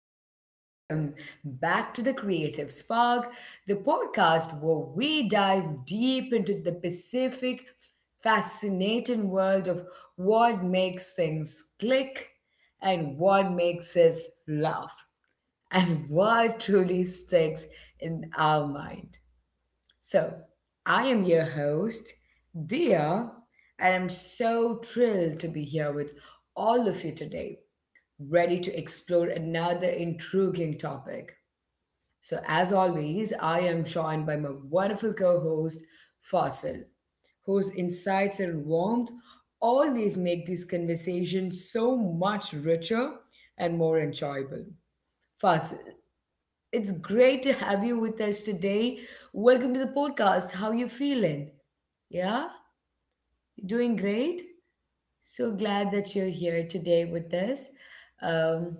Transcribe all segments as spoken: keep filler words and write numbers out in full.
and welcome back to the Creative Spark, the podcast where we dive deep into the Pacific, fascinating world of what makes things click and what makes us laugh and what truly sticks in our mind. So, I am your host, Dia, and I'm so thrilled to be here with all of you today ready to explore another intriguing topic. So, as always, I am joined by my wonderful co host, Fossil, whose insights and warmth always make these conversations so much richer and more enjoyable. Fossil, it's great to have you with us today. Welcome to the podcast. How you feeling? Yeah, you doing great? So glad that you're here today with us. Um,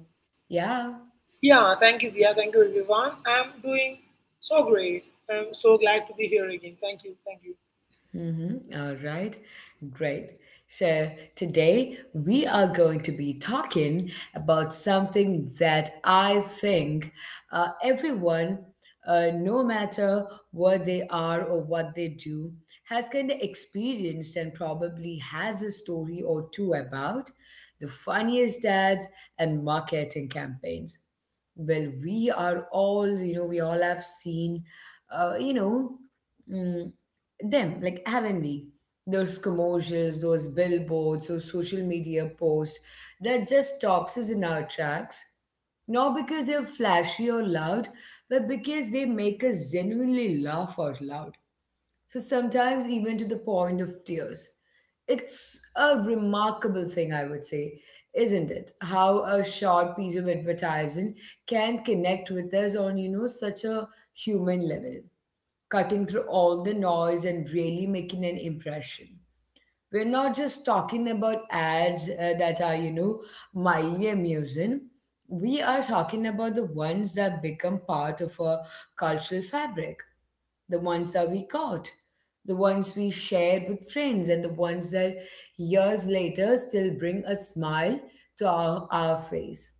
yeah. Yeah, thank you, Dia. Thank you, everyone. I'm doing so great. I'm so glad to be here again. Thank you. Thank you. Mm-hmm. All right, great. So today we are going to be talking about something that I think uh, everyone, uh, no matter what they are or what they do, has kind of experienced and probably has a story or two about the funniest ads and marketing campaigns. Well, we are all, you know, we all have seen, uh, you know, mm, them, like haven't we? Those commercials, those billboards, those social media posts that just stops us in our tracks. Not because they're flashy or loud, but because they make us genuinely laugh out loud. So sometimes even to the point of tears. It's a remarkable thing, I would say, isn't it? How a short piece of advertising can connect with us on, you know, such a human level cutting through all the noise and really making an impression. We're not just talking about ads uh, that are, you know, mildly amusing. We are talking about the ones that become part of our cultural fabric, the ones that we caught, the ones we shared with friends, and the ones that years later still bring a smile to our, our face.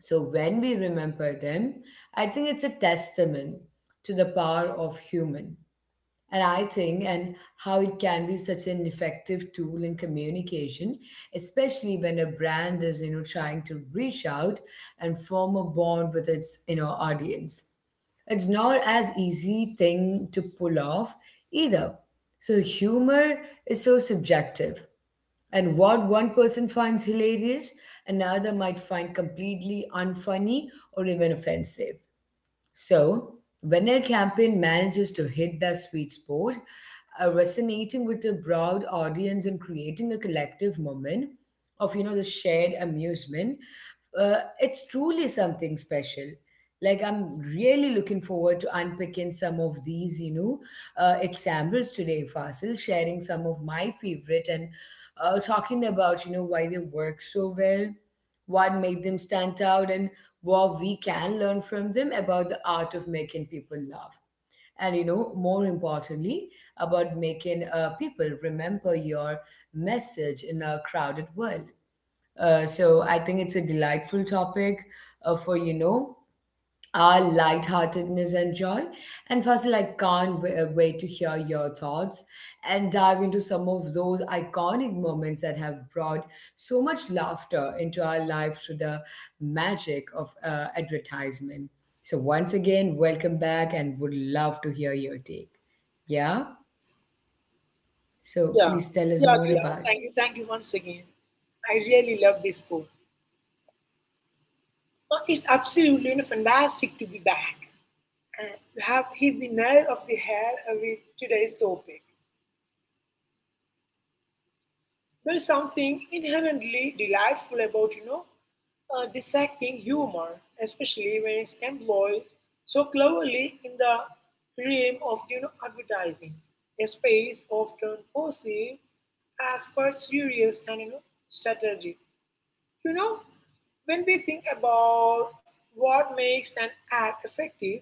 So when we remember them, I think it's a testament to the power of human, and I think and how it can be such an effective tool in communication, especially when a brand is you know trying to reach out and form a bond with its you know audience. It's not as easy thing to pull off either. So humor is so subjective, and what one person finds hilarious, another might find completely unfunny or even offensive. So, when a campaign manages to hit that sweet spot, uh, resonating with a broad audience and creating a collective moment of you know the shared amusement, uh, it's truly something special. Like I'm really looking forward to unpicking some of these you know uh, examples today, Fasil, sharing some of my favorite and uh, talking about you know why they work so well, what made them stand out, and what we can learn from them about the art of making people laugh. And you know, more importantly, about making uh, people remember your message in a crowded world. Uh, so I think it's a delightful topic uh, for you know our lightheartedness and joy. And Fasil, I can't wa- wait to hear your thoughts and dive into some of those iconic moments that have brought so much laughter into our life through the magic of uh, advertisement. So, once again, welcome back and would love to hear your take. Yeah? So, Yeah. please tell us Yeah, more Dia. about Thank it. you. Thank you once again. I really love this book. Uh, It's absolutely you know, fantastic to be back. Uh, you have hit the nail of the head uh, with today's topic. There is something inherently delightful about, you know, uh, dissecting humor, especially when it's employed so cleverly in the realm of, you know, advertising, a space often perceived as quite serious and, you know, strategic. You know, when we think about what makes an ad effective,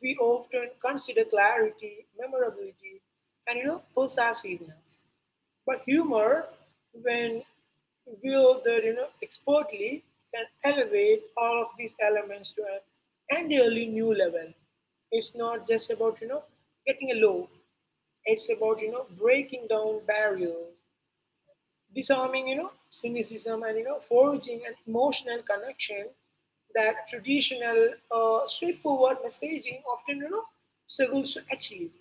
we often consider clarity, memorability, and you know, persuasiveness. But humor, when wielded you know, expertly, can elevate all of these elements to an entirely new level. It's not just about you know getting a loaf. It's about you know breaking down barriers, disarming you know cynicism, and you know forging an emotional connection that traditional, uh, straightforward messaging often you know struggles to achieve.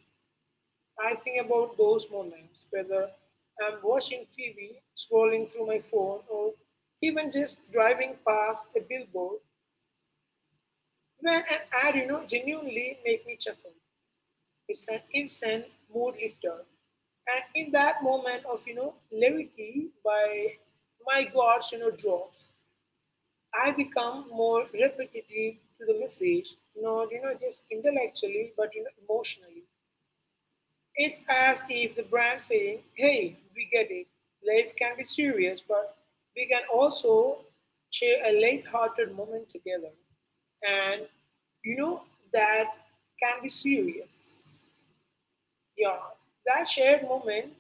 I think about those moments, whether I'm watching T V, scrolling through my phone, or even just driving past a billboard where an ad, you know, genuinely make me chuckle. It's an instant mood lifter. And in that moment of, you know, levity by my gods, you know, drops, I become more repetitive to the message, not, you know, just intellectually, but, you know, emotionally. It's as if the brand saying, hey, we get it. Life can be serious, but we can also share a light-hearted moment together. And you know, that can be serious. Yeah, that shared moment,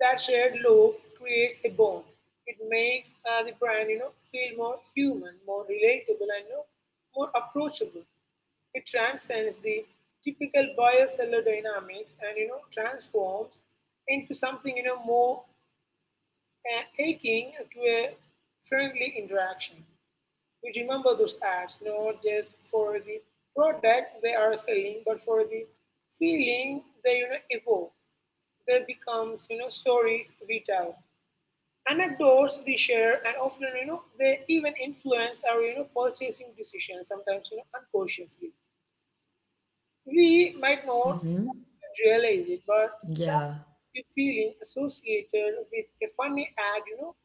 that shared love creates a bond. It makes uh, the brand, you know, feel more human, more relatable, and you know, more approachable. It transcends the typical buyer seller dynamics and you know transforms into something you know more uh, akin to a friendly interaction. You remember those ads not just for the product they are selling, but for the feeling they you know evoke. They becomes you know stories we tell, anecdotes we share, and often you know they even influence our you know purchasing decisions. Sometimes you know unconsciously. We might not Mm-hmm. realize it, but that Yeah. the feeling associated with a funny ad, you know,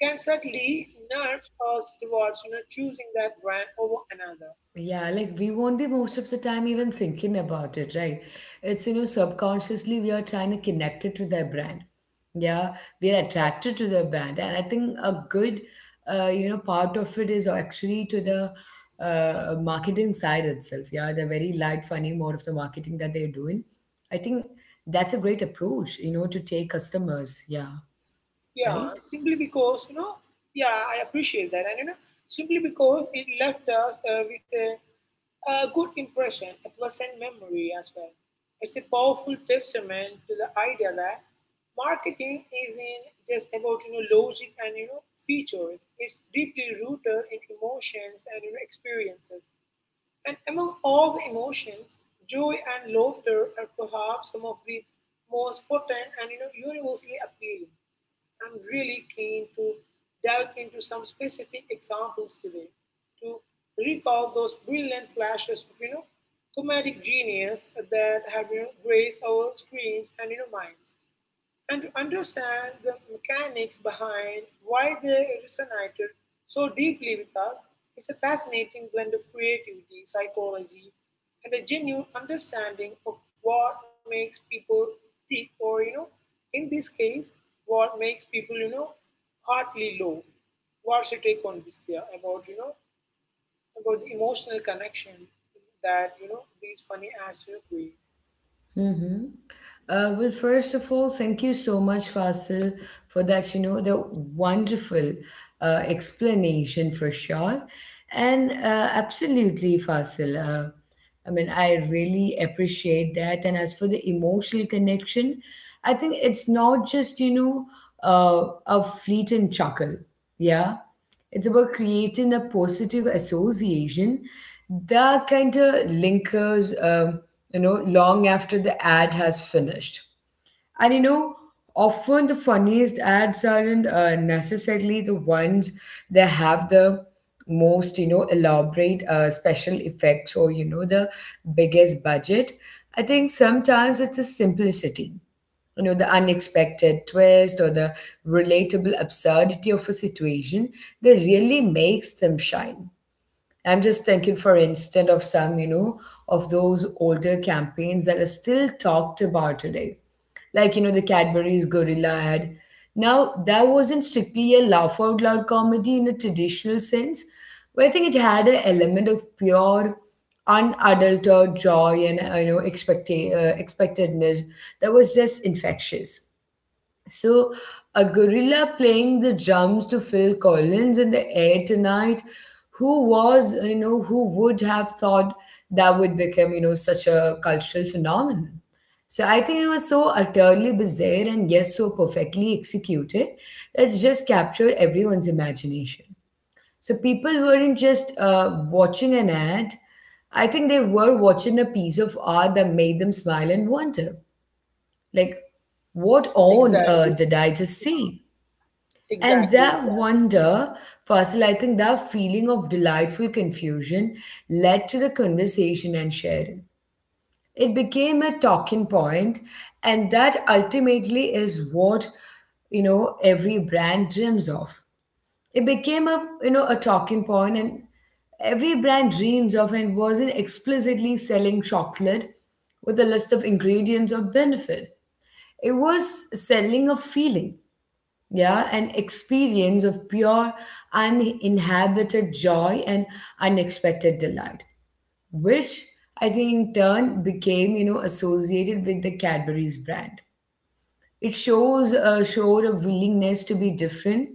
can certainly nudge us towards, you know, choosing that brand over another. Yeah, like we won't be most of the time even thinking about it, right? It's, you know, subconsciously we are trying to connect it to their brand. Yeah, we are attracted to their brand. And I think a good, uh, you know, part of it is actually to the uh, marketing side itself. Yeah, the very light, funny mode of the marketing that they're doing. I think that's a great approach, you know, to take customers. Yeah, Yeah, right? simply because, you know, yeah, I appreciate that. And, you know, simply because it left us uh, with a, a good impression, a pleasant memory as well. It's a powerful testament to the idea that marketing isn't just about, you know, logic and, you know, features. It's deeply rooted in emotions and, you know, experiences. And among all the emotions, joy and laughter are perhaps some of the most potent and, you know, universally appealing. I'm really keen to delve into some specific examples today to recall those brilliant flashes of you know comedic genius that have you know graced our screens and you know minds and to understand the mechanics behind why they resonated so deeply with us is a fascinating blend of creativity, psychology, and a genuine understanding of what makes people tick, or, you know, in this case, what makes people, you know, heartily low. What's your take on this, Dia, about, you know, about the emotional connection that, you know, these funny ads will create? Mm-hmm. Uh, well, first of all, thank you so much, Fasil, for that, you know, the wonderful uh, explanation for sure. And uh, absolutely, Fasil. Uh, I mean, I really appreciate that. And as for the emotional connection, I think it's not just, you know, uh, a fleeting chuckle. Yeah. It's about creating a positive association that kind of lingers, um, you know, long after the ad has finished. And you know, often the funniest ads aren't uh, necessarily the ones that have the most, you know, elaborate uh, special effects or, you know, the biggest budget. I think sometimes it's the simplicity, you know, the unexpected twist or the relatable absurdity of a situation that really makes them shine. I'm just thinking for instance of some, you know, of those older campaigns that are still talked about today, like you know the Cadbury's gorilla ad. Now that wasn't strictly a laugh out loud comedy in a traditional sense, but I think it had an element of pure unadulterated joy and uh, you know expect- uh, expectedness that was just infectious. So, a gorilla playing the drums to Phil Collins in the air tonight. Who was, you know, who would have thought that would become, you know, such a cultural phenomenon? So I think it was so utterly bizarre and yes, so perfectly executed that it just captured everyone's imagination. So people weren't just uh, watching an ad. I think they were watching a piece of art that made them smile and wonder. Like, what on Exactly, earth did I just see? And exactly, that exactly. wonder, Fasil, I think that feeling of delightful confusion led to the conversation and sharing. It became a talking point, and that ultimately is what you know every brand dreams of. It became a you know a talking point, and every brand dreams of, and wasn't explicitly selling chocolate with a list of ingredients or benefit. It was selling a feeling, yeah, an experience of pure, uninhabited joy and unexpected delight, which I think in turn became, you know, associated with the Cadbury's brand. It shows uh, showed a willingness to be different,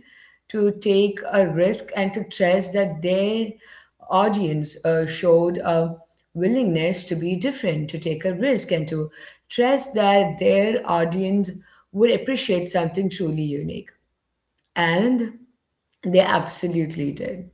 to take a risk, and to trust that their audience uh, showed a willingness to be different, to take a risk, and to trust that their audience would appreciate something truly unique. And they absolutely did.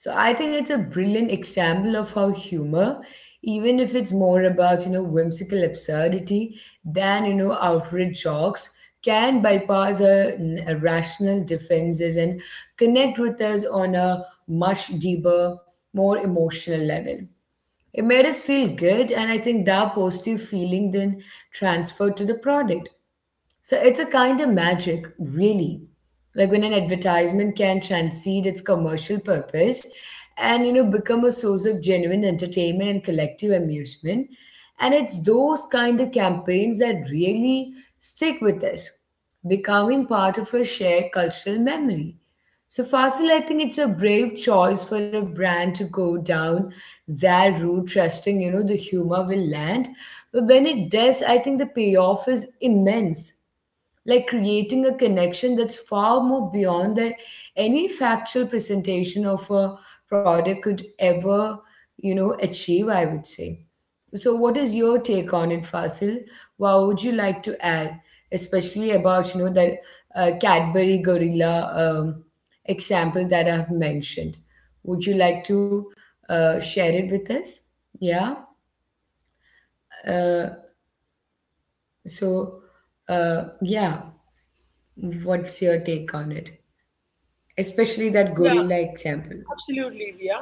So I think it's a brilliant example of how humor, even if it's more about, you know, whimsical absurdity than, you know, outright jokes, can bypass our n- rational defenses and connect with us on a much deeper, more emotional level. It made us feel good, and I think that positive feeling then transferred to the product. So it's a kind of magic, really. Like when an advertisement can transcend its commercial purpose and you know become a source of genuine entertainment and collective amusement. And it's those kind of campaigns that really stick with us, becoming part of a shared cultural memory. So Fasil, I think it's a brave choice for a brand to go down that route, trusting, you know, the humor will land. But when it does, I think the payoff is immense, like creating a connection that's far more beyond that any factual presentation of a product could ever you know achieve, I would say. So what is your take on it, Fasil? What would you like to add, especially about you know that uh, Cadbury gorilla um, example that I've mentioned? Would you like to uh, share it with us? yeah uh, so uh, yeah what's your take on it, especially that Yeah, gorilla example? absolutely, Dia.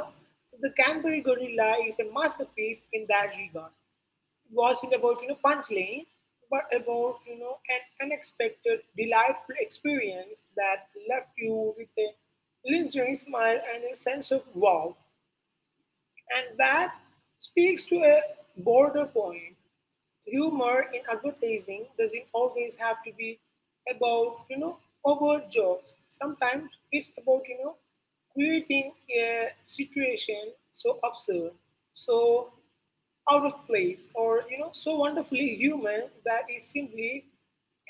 The Canterbury Gorilla is a masterpiece in that regard. It wasn't about you know punchline, but about you know an unexpected, delightful experience that left you with a lingering smile and a sense of wow. And that speaks to a broader point. Humor in advertising doesn't always have to be about, you know, overt jokes. Sometimes it's about, you know, creating a situation so absurd, so out of place, or you know, so wonderfully human that it simply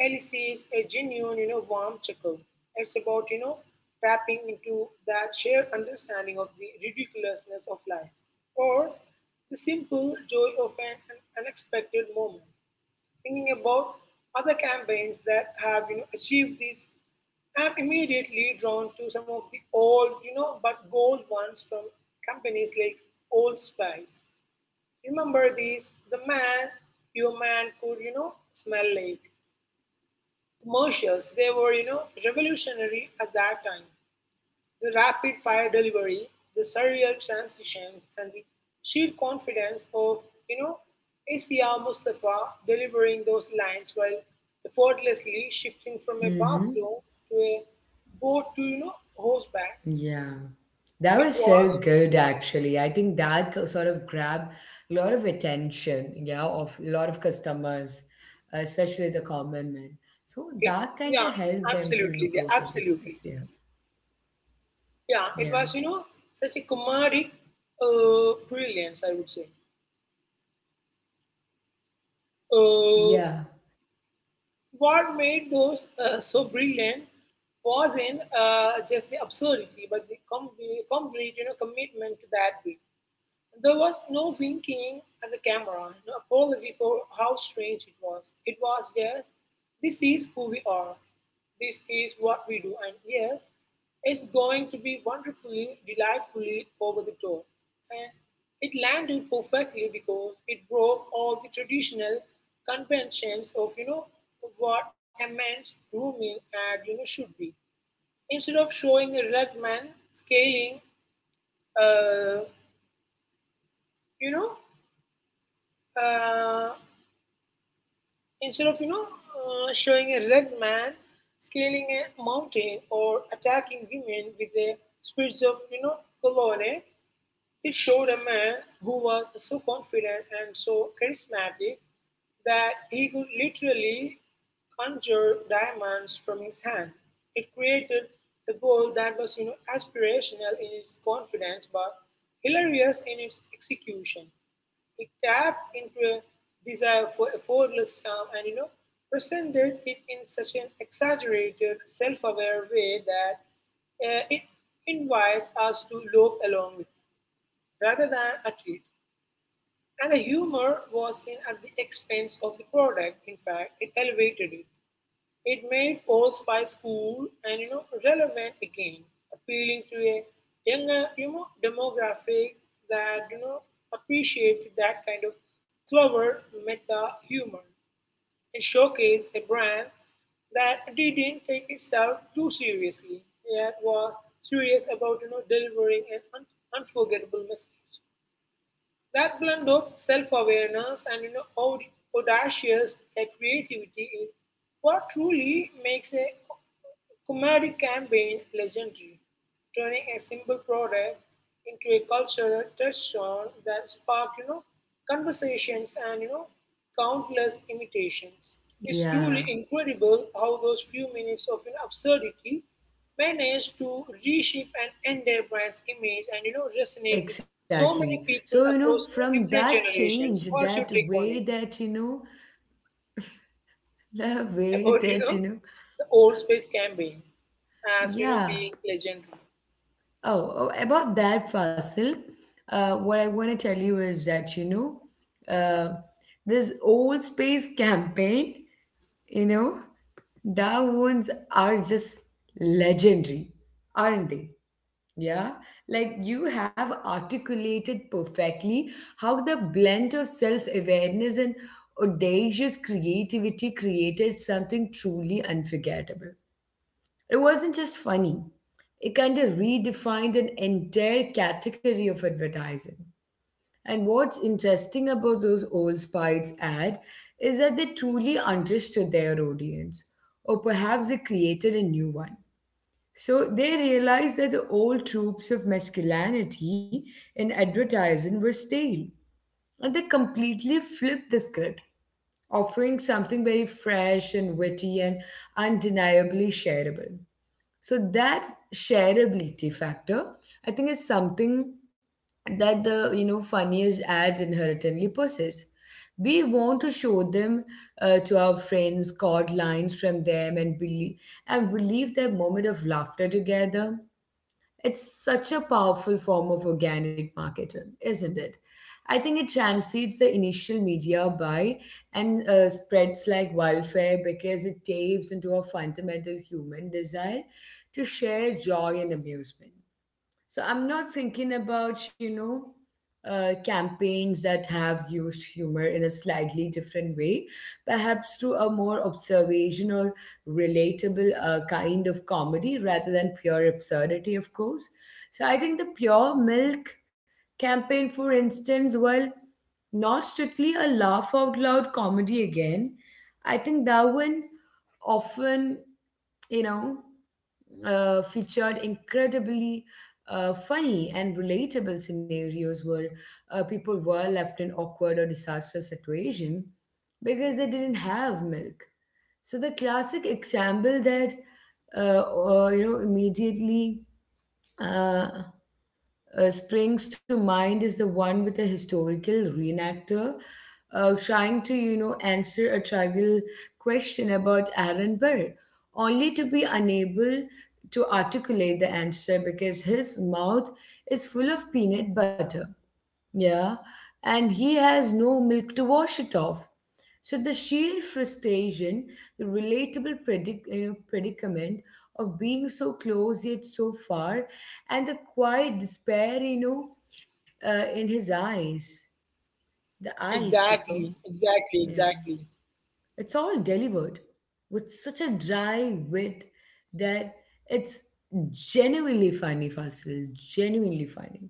elicits a genuine, you know, warm chuckle. It's about, you know, tapping into that shared understanding of the ridiculousness of life, or the simple joy of an, an unexpected moment. Thinking about other campaigns that have you know, achieved this, I'm immediately drawn to some of the old, you know, but gold ones from companies like Old Spice. Remember these? The man, your man could, you know, smell like commercials. They were, you know, revolutionary at that time. The rapid fire delivery, the surreal transitions, and the sheer confidence of, you know, Asia Mustafa delivering those lines while effortlessly shifting from a Mm-hmm. bathroom to a boat to, you know, horseback. Yeah. That It was was, so good, actually. I think that co- sort of grabbed a lot of attention, yeah, of a lot of customers, uh, especially the common men. So it, that kind yeah, of helped them to, you absolutely, know, yeah, grow their absolutely. business. Yeah. Yeah, it Yeah. was, you know, such a comedic uh, brilliance, I would say. Uh, Yeah, What made those uh, so brilliant wasn't uh, just the absurdity, but the com- complete you know, commitment to that beat. There was no winking at the camera, no apology for how strange it was. It was just, "This is who we are. This is what we do, and yes, it's going to be wonderfully, delightfully over the top." And it landed perfectly because it broke all the traditional conventions of, you know, what a man's grooming ad, you know, should be. Instead of showing a red man scaling, uh, you know, uh, Instead of you know uh, showing a red man scaling a mountain or attacking women with the spirits of you know Colone, it showed a man who was so confident and so charismatic that he could literally conjure diamonds from his hand. It created a goal that was you know aspirational in its confidence but hilarious in its execution. It tapped into a desire for effortless charm and you know presented it in such an exaggerated, self-aware way that uh, it invites us to loaf along with it rather than at it. And the humor was seen at the expense of the product. In fact, it elevated it. It made Old Spice cool and you know relevant again, appealing to a younger you know demographic that you know appreciated that kind of clever meta humor. It showcased a brand that didn't take itself too seriously, yet was serious about you know delivering an un- unforgettable message. That blend of self-awareness and you know aud- audacious uh, creativity is what truly makes a co- comedic campaign legendary, turning a simple product into a cultural touchstone that spark you know conversations and you know countless imitations. It's truly Yeah, incredible how those few minutes of an absurdity managed to reshape and Ender brand's image and you know resonate with so many exactly. people So, you know, across you know, from different that generations. change, What's your that take on it way that, you know, the way about you that, you know know, the old space campaign as you know yeah. being legendary? Oh, oh, about that, Fasil, uh, what I want to tell you is that, you know, uh, this old space campaign, you know, the ones are just legendary, aren't they? Yeah, like you have articulated perfectly how the blend of self awareness and audacious creativity created something truly unforgettable. It wasn't just funny, it kind of redefined an entire category of advertising. And what's interesting about those old spies ad is that they truly understood their audience, or perhaps they created a new one. So they realized that the old tropes of masculinity in advertising were stale, and they completely flipped the script, offering something very fresh and witty and undeniably shareable. So that shareability factor, I think, is something that the you know funniest ads inherently possess. We want to show them uh, to our friends, cord lines from them, and believe and relive that moment of laughter together. It's such a powerful form of organic marketing, isn't it? I think it transcends the initial media buy and uh, spreads like wildfire because it taps into a fundamental human desire to share joy and amusement. So I'm not thinking about, you know, uh, campaigns that have used humor in a slightly different way, perhaps through a more observational, relatable uh, kind of comedy rather than pure absurdity, of course. So I think the pure milk campaign, for instance, while not strictly a laugh out loud comedy again, I think that one often, you know uh, featured incredibly uh, funny and relatable scenarios where uh, people were left in awkward or disastrous situation because they didn't have milk. So the classic example that uh, uh, you know immediately. Uh, uh, springs to mind is the one with a historical reenactor uh, trying to, you know, answer a trivial question about Aaron Burr, only to be unable to articulate the answer because his mouth is full of peanut butter. Yeah. And he has no milk to wash it off. So the sheer frustration, the relatable predic- you know, predicament of being so close yet so far, and the quiet despair, you know, uh, in his eyes. The Exactly, eyes, Chico. exactly, exactly. Yeah. It's all delivered with such a dry wit that it's genuinely funny, Fasil. Genuinely funny.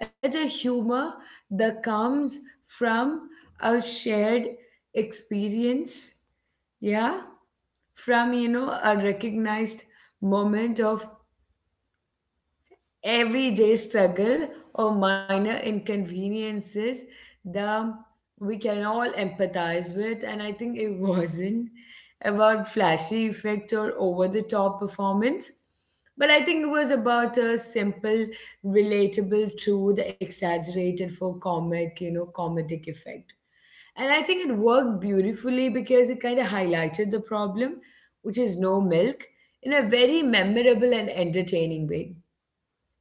It's a humor that comes from a shared experience. Yeah. From you know a recognized moment of everyday struggle or minor inconveniences that we can all empathize with. And I think it wasn't about flashy effect or over the top performance, but I think it was about a simple relatable truth exaggerated for comic you know comedic effect. And I think it worked beautifully because it kind of highlighted the problem, which is no milk, in a very memorable and entertaining way.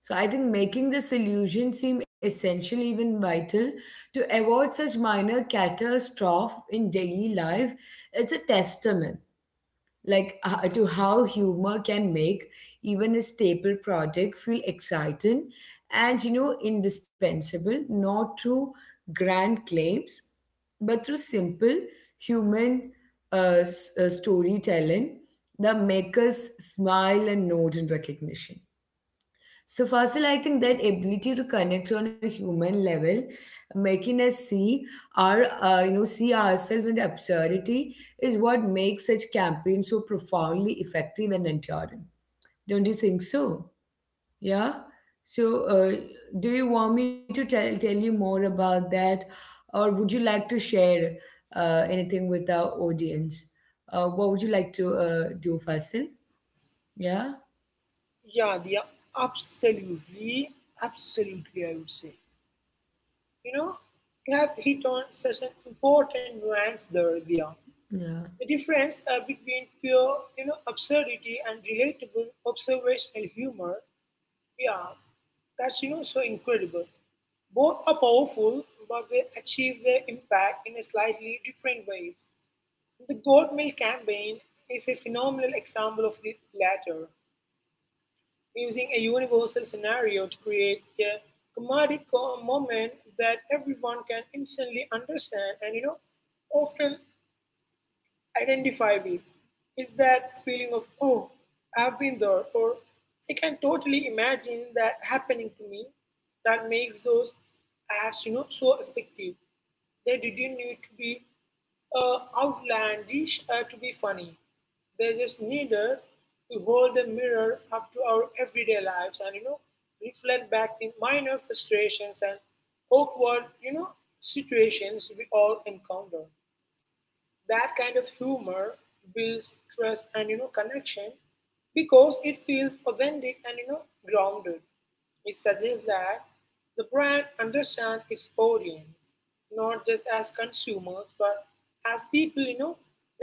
So I think making this illusion seem essential, even vital, to avoid such minor catastrophe in daily life, it's a testament like uh, to how humor can make even a staple project feel exciting and you know indispensable, not through grand claims but through simple human uh, s- uh, storytelling that make us smile and nod in recognition. So, Fasil, I think that ability to connect on a human level, making us see our, uh, you know, see ourselves in the absurdity, is what makes such campaigns so profoundly effective and enduring. Don't you think so? Yeah. So, uh, do you want me to tell tell you more about that, or would you like to share uh, anything with our audience? Uh, what would you like to uh, do, Fasil? Yeah. Yeah, they are absolutely, absolutely. I would say you know you have hit on such an important nuance there, Dia. Yeah. The difference uh, between pure you know, absurdity and relatable observational humor, yeah, that's you know so incredible. Both are powerful, but they achieve their impact in a slightly different ways. The Goat Milk campaign is a phenomenal example of the latter, using a universal scenario to create a comedic co- moment that everyone can instantly understand and you know often identify with is that feeling of, oh, I've been there, or I can totally imagine that happening to me that makes those ads you know, so effective. They didn't need to be uh, outlandish uh, to be funny. They just needed to hold the mirror up to our everyday lives and you know reflect back the minor frustrations and awkward you know situations we all encounter that kind of humor builds trust and you know connection because it feels authentic and you know grounded it suggests that the brand understands its audience not just as consumers but as people you know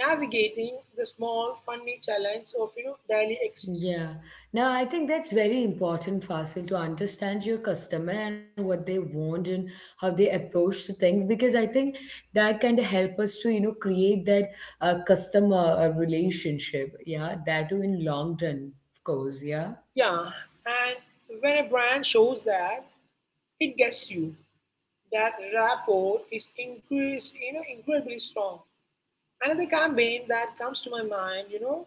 navigating the small funny challenge of you know daily existence. Yeah. Now, I think that's very important, Fasil, to understand your customer and what they want and how they approach to things, because I think that kind of help us to, you know, create that uh, customer uh, relationship. Yeah, that too in long run, of course. Yeah. Yeah, and when a brand shows that it gets you that rapport is increased you know incredibly strong. Another campaign that comes to my mind, you know,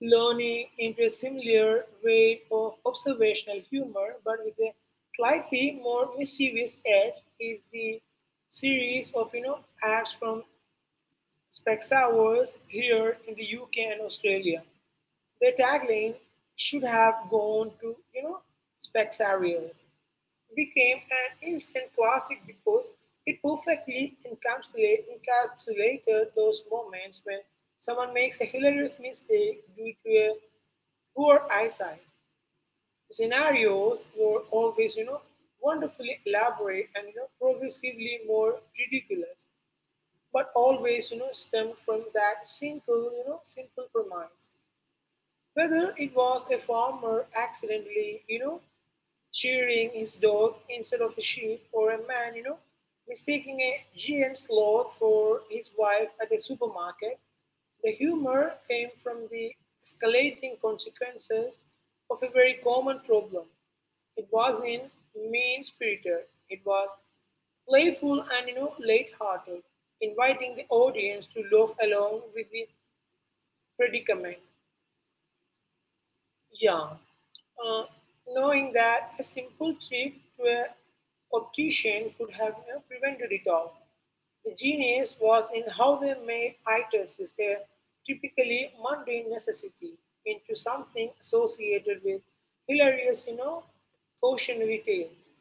learning into a similar way of observational humor but with a slightly more mischievous edge, is the series of, you know, ads from Specsavers here in the U K and Australia. Their tagline should have gone to, you know, Spexarios became an instant classic because it perfectly encapsulate, encapsulated those moments when someone makes a hilarious mistake due to a poor eyesight. The scenarios were always, you know, wonderfully elaborate and you know progressively more ridiculous, but always, you know, stem from that single, you know, simple premise. Whether it was a farmer accidentally, you know, cheering his dog instead of a sheep, or a man, you know, mistaking a giant sloth for his wife at a supermarket. The humor came from the escalating consequences of a very common problem. It was in mean spirited, it was playful and you know light-hearted, inviting the audience to laugh along with the predicament. Yeah, uh, knowing that a simple trip to an optician could have you know, prevented it all. The genius was in how they made items, a typically mundane necessity, into something associated with hilarious, you know, cautionary tales.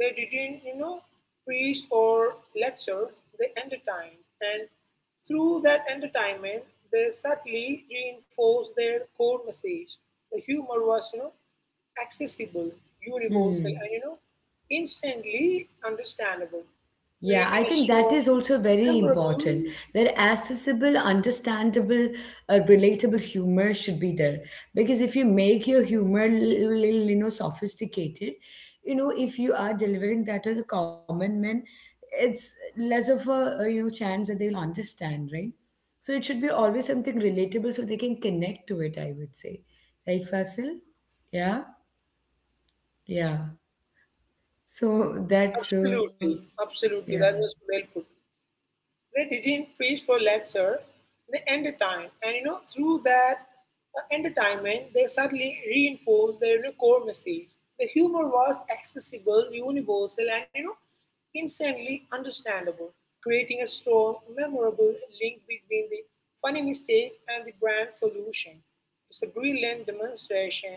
They didn't, you know, preach or lecture, they entertained. And through that entertainment, they subtly reinforced their core message. The humor was, you know, accessible, universal, Hmm. and you know, instantly understandable, Yeah, I think creating a that is show also very memorable. important. That accessible, understandable, uh, relatable humor should be there. Because if you make your humor little, little, you know, sophisticated, you know, if you are delivering that to the common man, it's less of a, uh, you know, chance that they'll understand, right? So it should be always something relatable so they can connect to it, I would say. Right, Fasil? Yeah? Yeah. So that's so, Absolutely, yeah. absolutely. That was well put. They didn't preach for lecture, they entertained. And you know, through that uh, entertainment, they subtly reinforced their you know, core message. The humor was accessible, universal, and you know, instantly understandable, creating a strong, memorable link between the funny mistake and the brand solution. It's a brilliant demonstration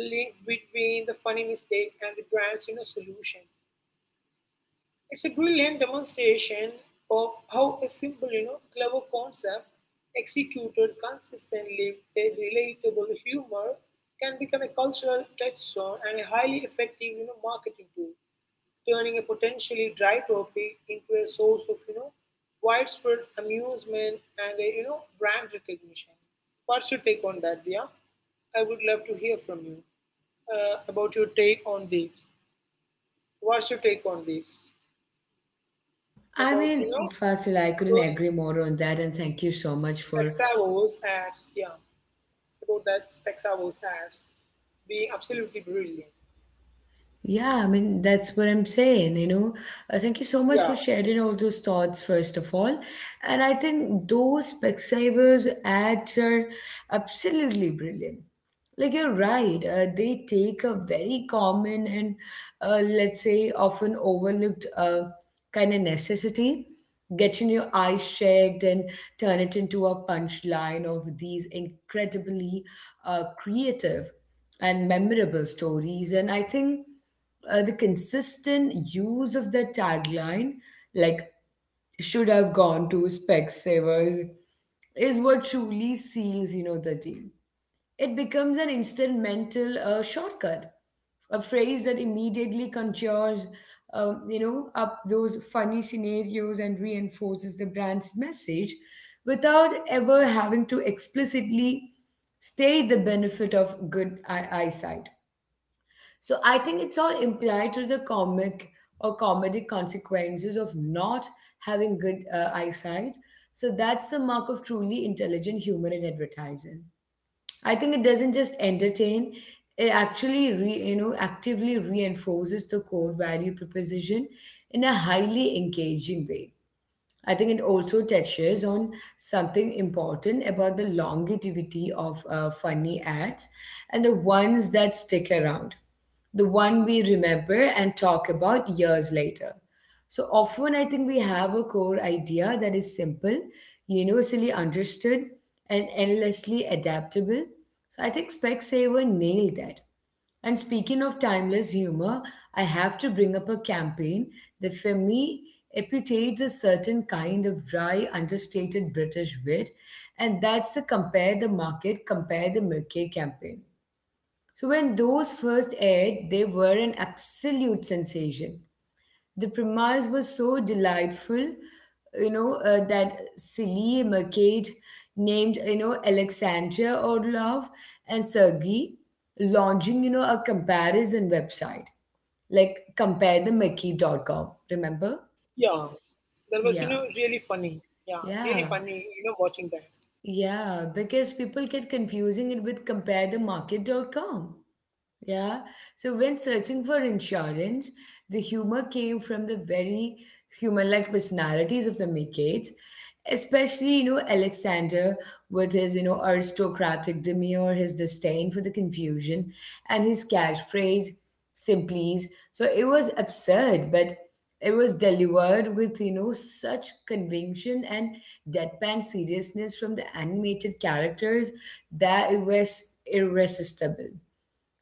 link between the funny mistake and the brand's you know, solution. It's a brilliant demonstration of how a simple, you know, clever concept executed consistently with relatable humor can become a cultural touchstone and a highly effective, you know, marketing tool, turning a potentially dry topic into a source of, you know, widespread amusement and a, you know, brand recognition. What's your take on that, Dia? I would love to hear from you uh, about your take on this. What's your take on this? I About you mean, know? Fasil, I couldn't Those agree more on that, and thank you so much for, Specsavos ads, yeah, about that Specsavos ads being absolutely brilliant. yeah, I mean, that's what I'm saying, you know. Uh, thank you so much Yeah, for sharing all those thoughts, first of all. And I think those Specsavers ads are absolutely brilliant. Like you're right, uh, they take a very common and uh, let's say often overlooked uh, kind of necessity, getting your eyes checked, and turn it into a punchline of these incredibly uh, creative and memorable stories. And I think uh, the consistent use of that tagline, like should have gone to Specsavers, is what truly seals, you know, the deal. It becomes an instant mental uh, shortcut, a phrase that immediately conjures, um, you know, up those funny scenarios and reinforces the brand's message without ever having to explicitly state the benefit of good eye- eyesight. So I think it's all implied to the comic or comedic consequences of not having good uh, eyesight. So that's the mark of truly intelligent humor in advertising. I think it doesn't just entertain, it actually re, you know, actively reinforces the core value proposition in a highly engaging way. I think it also touches on something important about the longevity of uh, funny ads and the ones that stick around, the one we remember and talk about years later. So often, I think we have a core idea that is simple, universally understood, and endlessly adaptable. So I think Specsaver nailed that. And speaking of timeless humor, I have to bring up a campaign that for me epitates a certain kind of dry, understated British wit, and that's the Compare the Market, Compare the Market campaign. So when those first aired, they were an absolute sensation. The premise was so delightful, you know, uh, that silly mermaid named, you know, Alexandria Orlov and Sergey launching, you know, a comparison website, like compare the compare the mickey dot com. Remember? yeah. That was, you Yeah, know, really funny. Yeah, really yeah, funny, you know, watching that. yeah, because people get confusing it with compare the compare the market dot com. Yeah. So when searching for insurance, the humor came from the very human-like personalities of the Mekites, especially, you know, Alexander with his, you know, aristocratic demeanor, his disdain for the confusion, and his catchphrase, simplies. So it was absurd, but it was delivered with, you know, such conviction and deadpan seriousness from the animated characters that it was irresistible.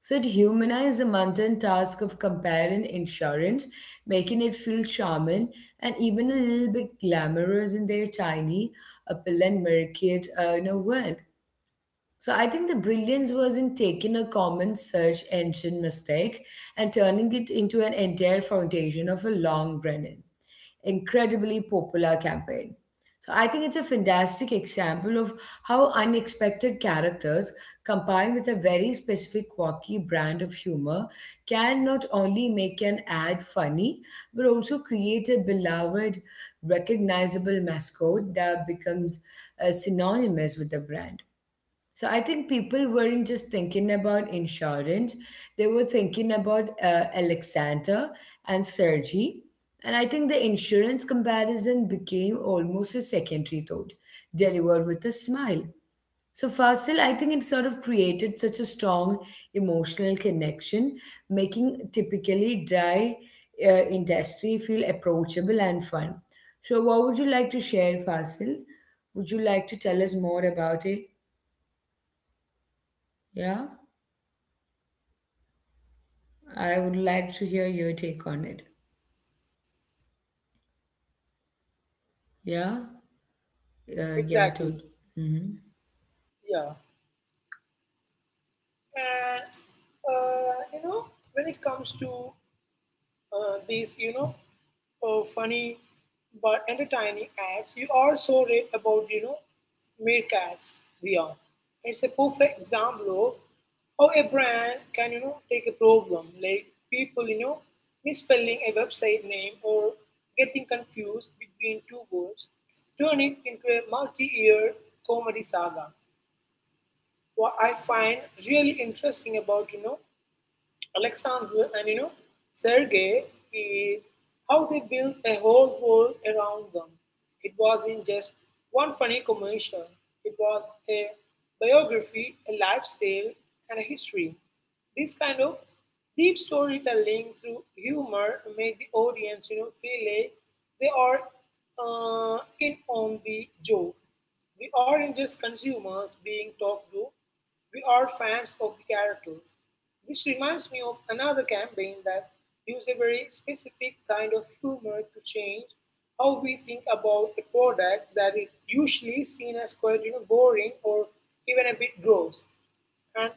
So it humanized the mundane task of comparing insurance, making it feel charming and even a little bit glamorous in their tiny, upland market uh, you know, world. So I think the brilliance was in taking a common search engine mistake and turning it into an entire foundation of a long running incredibly popular campaign. So I think it's a fantastic example of how unexpected characters combined with a very specific quirky brand of humor can not only make an ad funny but also create a beloved recognizable mascot that becomes uh, synonymous with the brand. So I think people weren't just thinking about insurance, they were thinking about uh, Alexander and Sergey. And I think the insurance comparison became almost a secondary thought, delivered with a smile. So Fasil, I think it sort of created such a strong emotional connection, making typically dry uh, industry feel approachable and fun. So what would you like to share, Fasil? Would you like to tell us more about it? Yeah? I would like to hear your take on it. Yeah? Uh, yeah, Exactly. dude. Mm-hmm. Yeah. And, uh, you know, when it comes to uh, these, you know, uh, funny but entertaining ads. You also read about, you know, meerkats, V R. It's a perfect example of how a brand can, you know, take a problem like people, you know, misspelling a website name or getting confused between two words, turn it into a multi-year comedy saga. What I find really interesting about, you know, Alexander and you know Sergei is how they built a whole world around them. It wasn't just one funny commercial, it was a biography, a lifestyle, and a history. This kind of deep storytelling through humor make the audience, you know, feel like they are uh, in on the joke. We aren't just consumers being talked to; we are fans of the characters. This reminds me of another campaign that used a very specific kind of humor to change how we think about a product that is usually seen as quite you know boring or even a bit gross. And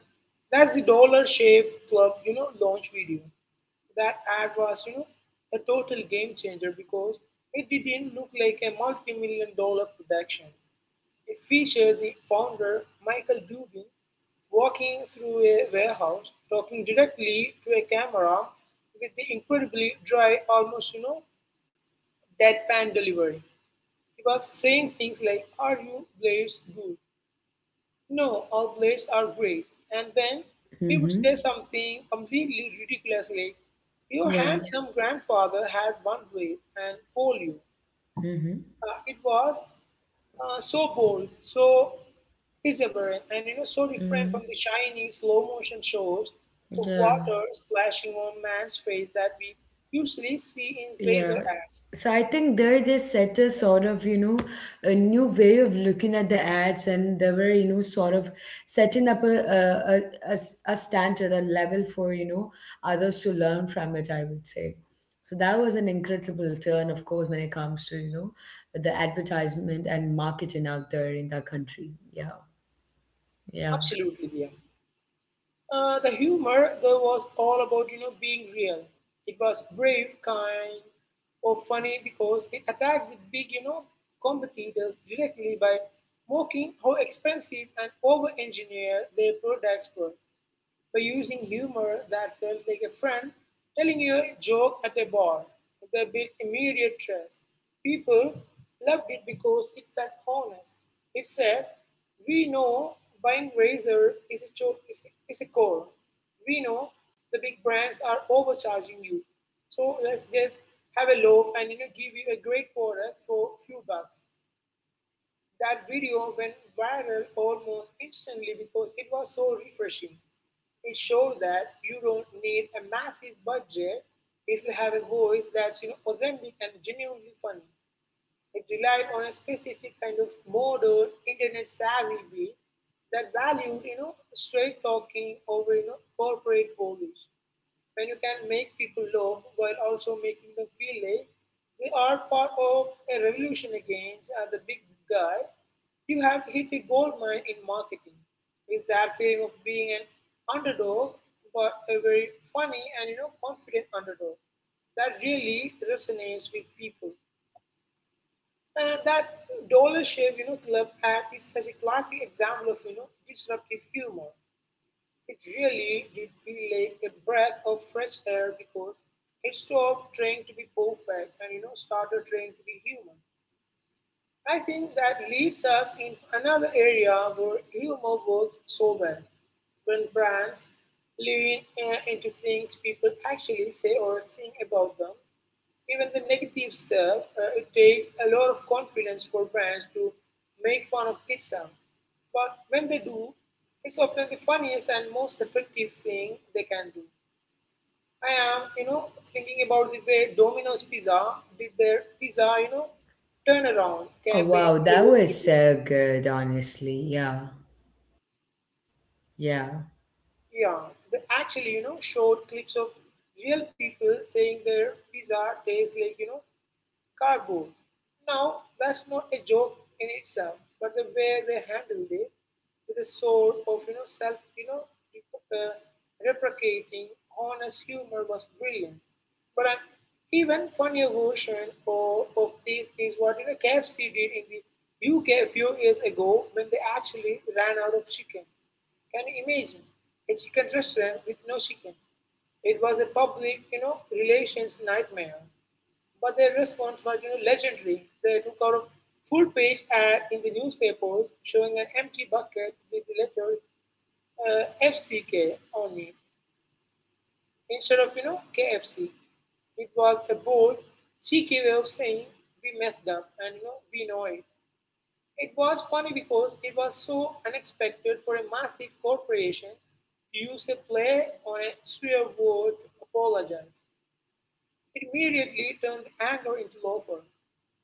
that's the Dollar Shave Club, you know, launch video. That ad was, you know, a total game changer because it didn't look like a multi-million dollar production. It featured the founder, Michael Dubin, walking through a warehouse, talking directly to a camera with the incredibly dry, almost, you know, deadpan delivery. He was saying things like, "Are you blades good? No, our blades are great." And then he would Mm-hmm. say something completely ridiculously. "Your Yeah. handsome grandfather had one blade and call you." Mm-hmm. Uh, it was uh, so bold, so irreverent, and you know, so different Mm-hmm. from the shiny slow motion shows of Yeah. water splashing on man's face that we usually see in Yeah. razor ads. So I think there they set a sort of, you know, a new way of looking at the ads and they were, you know, sort of setting up a, a, a, a s- a standard, a level for, you know, others to learn from it, I would say. So that was an incredible turn, of course, when it comes to, you know, the advertisement and marketing out there in the country. Yeah. Yeah. Absolutely, yeah. Uh, the humor though was all about you know being real. It was brave, kind, or funny because it attacked the big you know competitors directly by mocking how expensive and over-engineered their products were by using humor that felt like a friend telling you a joke at a bar. They built immediate trust. People loved it because it felt honest. It said, "We know buying razor is a, cho- is, is a core. We know the big brands are overcharging you. So let's just have a loaf and you know give you a great product for few bucks." That video went viral almost instantly because it was so refreshing. It showed that you don't need a massive budget if you have a voice that's you know, authentic and genuinely funny. It relied on a specific kind of modern internet savvy way that valued you know straight talking over you know corporate polish when you can make people love while also making them feel like they are part of a revolution against uh, the big guys, you have hit a gold mine in marketing. It's that feeling of being an underdog, but a very funny and you know confident underdog that really resonates with people. And that Dollar Shave, you know, Club ad is such a classic example of you know disruptive humor. It really did feel like a breath of fresh air because it stopped trying to be perfect and you know started trying to be human. I think that leads us in another area where humor works so well. When brands lean uh, into things people actually say or think about them, even the negative stuff. Uh, it takes a lot of confidence for brands to make fun of itself. But when they do, it's often the funniest and most effective thing they can do. I am, you know, thinking about the way Domino's Pizza did their pizza, you know, turnaround Oh, campaign wow. That years was ago. so good, honestly. Yeah. Yeah. Yeah, they actually, you know, showed clips of real people saying their pizza tastes like, you know, "Cardboard!" Now that's not a joke in itself, but the way they handled it, with a sort of you know self you know uh, replicating honest humor was brilliant. But an even funnier version of, of this is what you know K F C did in the U K a few years ago when they actually ran out of chicken. Can you imagine a chicken restaurant with no chicken? It was a public, you know, relations nightmare. But their response was you know, legendary. They took out a full page ad in the newspapers showing an empty bucket with the letter uh, F C K on it instead of, you know, K F C. It was a bold, cheeky way of saying, "We messed up and, you know, we know it." It was funny because it was so unexpected for a massive corporation to use a play on a swear word to apologize. It immediately turned anger into offer.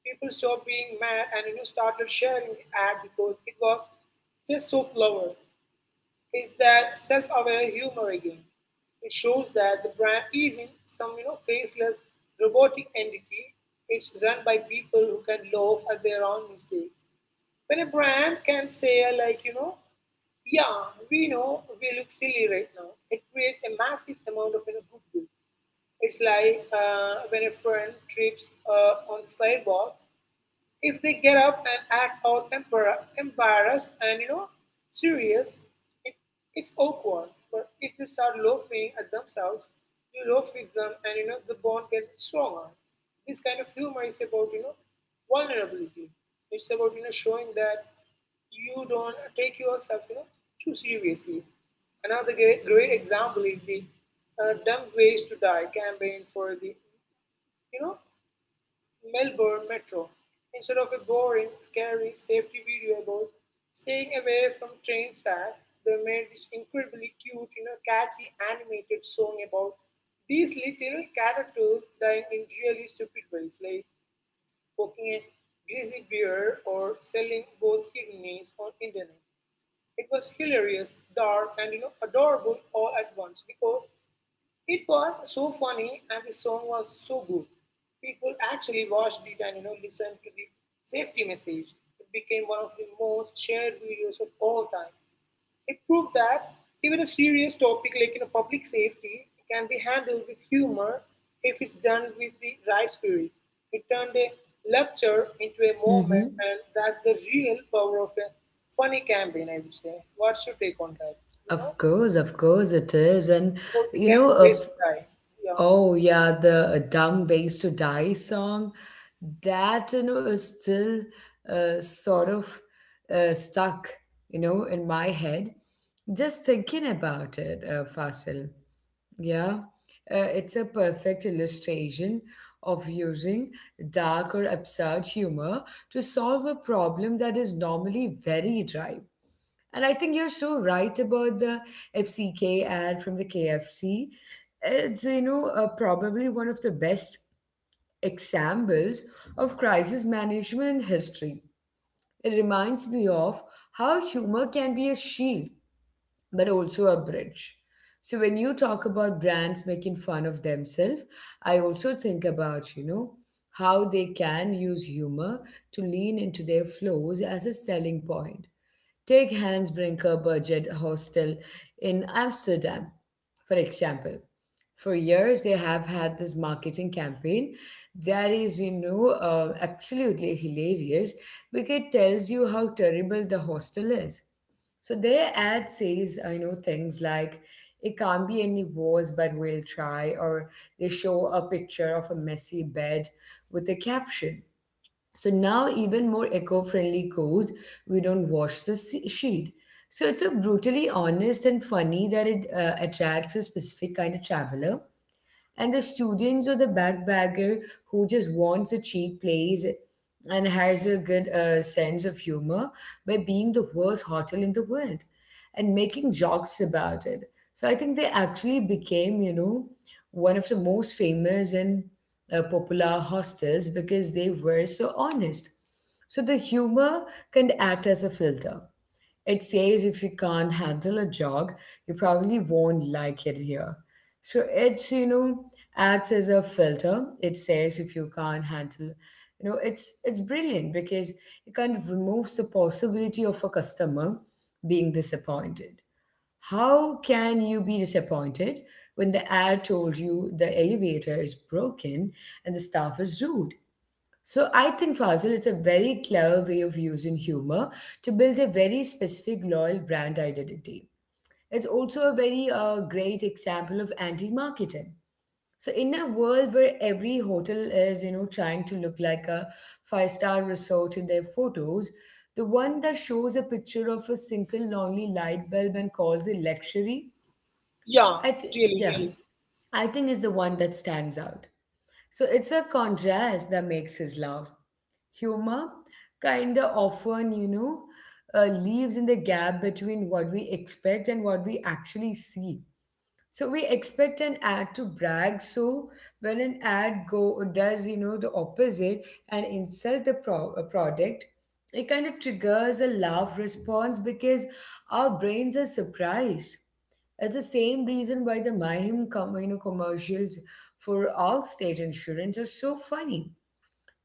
People stopped being mad and you know, started sharing the ad because it was just so clever. It's that self-aware humor again. It shows that the brand isn't some you know faceless robotic entity. It's run by people who can laugh at their own mistakes. When a brand can say like you know, "yeah, we know we look silly right now," it creates a massive amount of you know, goodwill. It's like uh, when a friend trips uh, on the sidewalk, if they get up and act all embar- embarrassed and you know serious, it, it's awkward. But if they start laughing at themselves, you laugh with them, and you know the bond gets stronger. This kind of humor is about you know vulnerability. It's about you know showing that you don't take yourself you know too seriously. Another great, great example is the uh, Dumb Ways to Die campaign for the you know Melbourne Metro. Instead of a boring, scary safety video about staying away from train tracks, they made this incredibly cute, you know, catchy animated song about these little characters dying in really stupid ways, like poking a greasy beer or selling both kidneys on internet. It was hilarious, dark, and you know, adorable all at once. Because it was so funny and the song was so good, people actually watched it and you know listened to the safety message. It became one of the most shared videos of all time. It proved that even a serious topic like you know, public safety can be handled with humor if it's done with the right spirit. It turned a lecture into a moment, Mm-hmm. and that's the real power of a funny campaign, I would say. What's your take on that? You know, Of course, of course it is. And about the you damn know, face of to die. Yeah. oh yeah, the uh, Dumb Ways to Die song, that you know is still uh, sort of uh, stuck, you know, in my head. Just thinking about it, uh, Fasil. Yeah, uh, it's a perfect illustration of using dark or absurd humor to solve a problem that is normally very dry. And I think you're so right about the F C K ad from the K F C. It's, you know, uh, probably one of the best examples of crisis management in history. It reminds me of how humor can be a shield, but also a bridge. So when you talk about brands making fun of themselves, I also think about, you know, how they can use humor to lean into their flaws as a selling point. Take Hansbrinker Budget Hostel in Amsterdam, for example. For years, they have had this marketing campaign that is, you know, uh, absolutely hilarious because it tells you how terrible the hostel is. So their ad says, I know things like, it can't be any worse, but we'll try, or they show a picture of a messy bed with a caption. So now even more eco-friendly goes, we don't wash the se- sheet. So it's a brutally honest and funny that it uh, attracts a specific kind of traveler and the students or the backpacker who just wants a cheap place and has a good uh, sense of humor. By being the worst hotel in the world and making jokes about it, so I think they actually became, you know, one of the most famous and uh, popular hostels because they were so honest. So the humor can act as a filter. It says if you can't handle a jog, you probably won't like it here. So it's, you know, acts as a filter. It says if you can't handle, you know, it's it's brilliant because it kind of removes the possibility of a customer being disappointed. How can you be disappointed when the ad told you the elevator is broken and the staff is rude? So I think Fazil, it's a very clever way of using humor to build a very specific loyal brand identity. It's also a very uh, great example of anti-marketing. So in a world where every hotel is, you know, trying to look like a five-star resort in their photos, the one that shows a picture of a single lonely light bulb and calls it luxury, Yeah, I th- really, yeah, really. I think is the one that stands out. So it's a contrast that makes his laugh humor kind of often, you know, uh, leaves in the gap between what we expect and what we actually see. So we expect an ad to brag. So when an ad go does you know the opposite and insult the pro- uh, product, it kind of triggers a laugh response because our brains are surprised. It's the same reason why the Mahim com- you know, commercials for all state insurance are so funny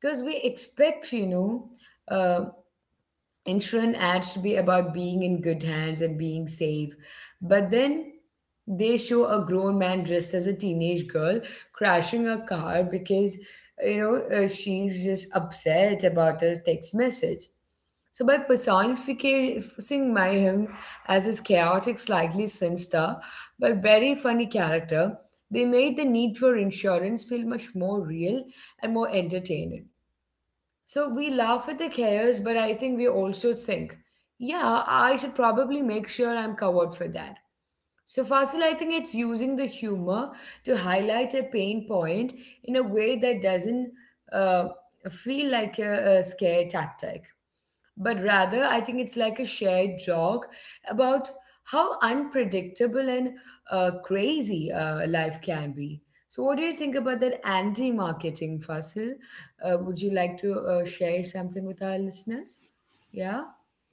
because we expect you know uh, insurance ads to be about being in good hands and being safe, but then they show a grown man dressed as a teenage girl crashing a car because you know uh, she's just upset about a text message. So by personifying my him as this chaotic, slightly sinister, but very funny character, they made the need for insurance feel much more real and more entertaining. So we laugh at the chaos, but I think we also think, yeah, I should probably make sure I'm covered for that. So, Fasil, I think it's using the humor to highlight a pain point in a way that doesn't uh, feel like a, a scare tactic, but rather I think it's like a shared joke about how unpredictable and uh, crazy uh, life can be. So, what do you think about that anti-marketing, Fasil? Uh, would you like to uh, share something with our listeners? Yeah.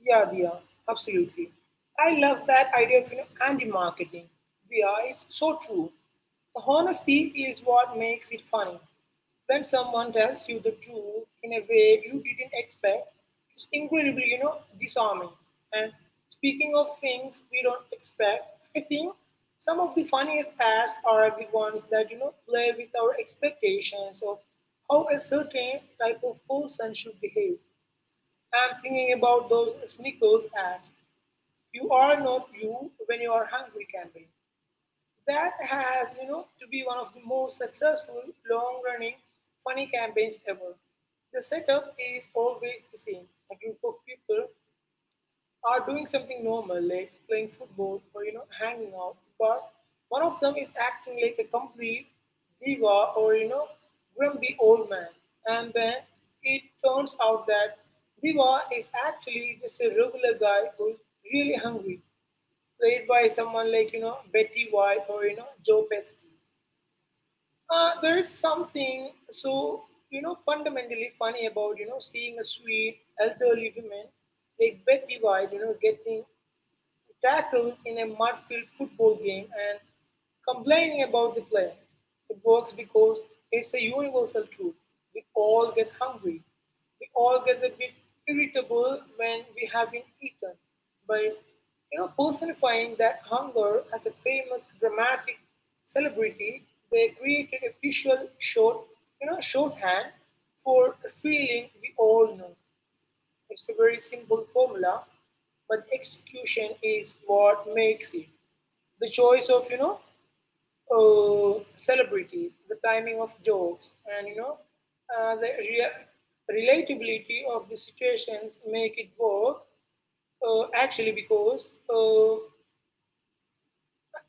Yeah, Dia, absolutely. I love that idea of you know anti-marketing. Dia is so true. The honesty is what makes it funny. When someone tells you the truth in a way you didn't expect, it's incredibly, you know, disarming. And speaking of things we don't expect, I think some of the funniest ads are the ones that you know play with our expectations of how a certain type of person should behave. I'm thinking about those Snickers ads. "You are not you when you are hungry" campaign. That has, you know, to be one of the most successful, long-running, funny campaigns ever. The setup is always the same. A group of people are doing something normal like playing football or you know hanging out, but one of them is acting like a complete diva or you know grumpy old man. And then it turns out that diva is actually just a regular guy who's really hungry, played by someone like you know Betty White or you know Joe Pesci. Uh, there is something so you know fundamentally funny about you know seeing a sweet elderly woman like Betty White, you know, getting tackled in a mud-filled football game and complaining about the play. It works because it's a universal truth. We all get hungry. We all get a bit irritable when we have been eaten. By you know, Personifying that hunger as a famous dramatic celebrity, they created a visual short, you know, shorthand for a feeling we all know. It's a very simple formula, but execution is what makes it. The choice of you know uh, celebrities, the timing of jokes, and you know uh, the rea- relatability of the situations make it work. Uh, actually, because uh,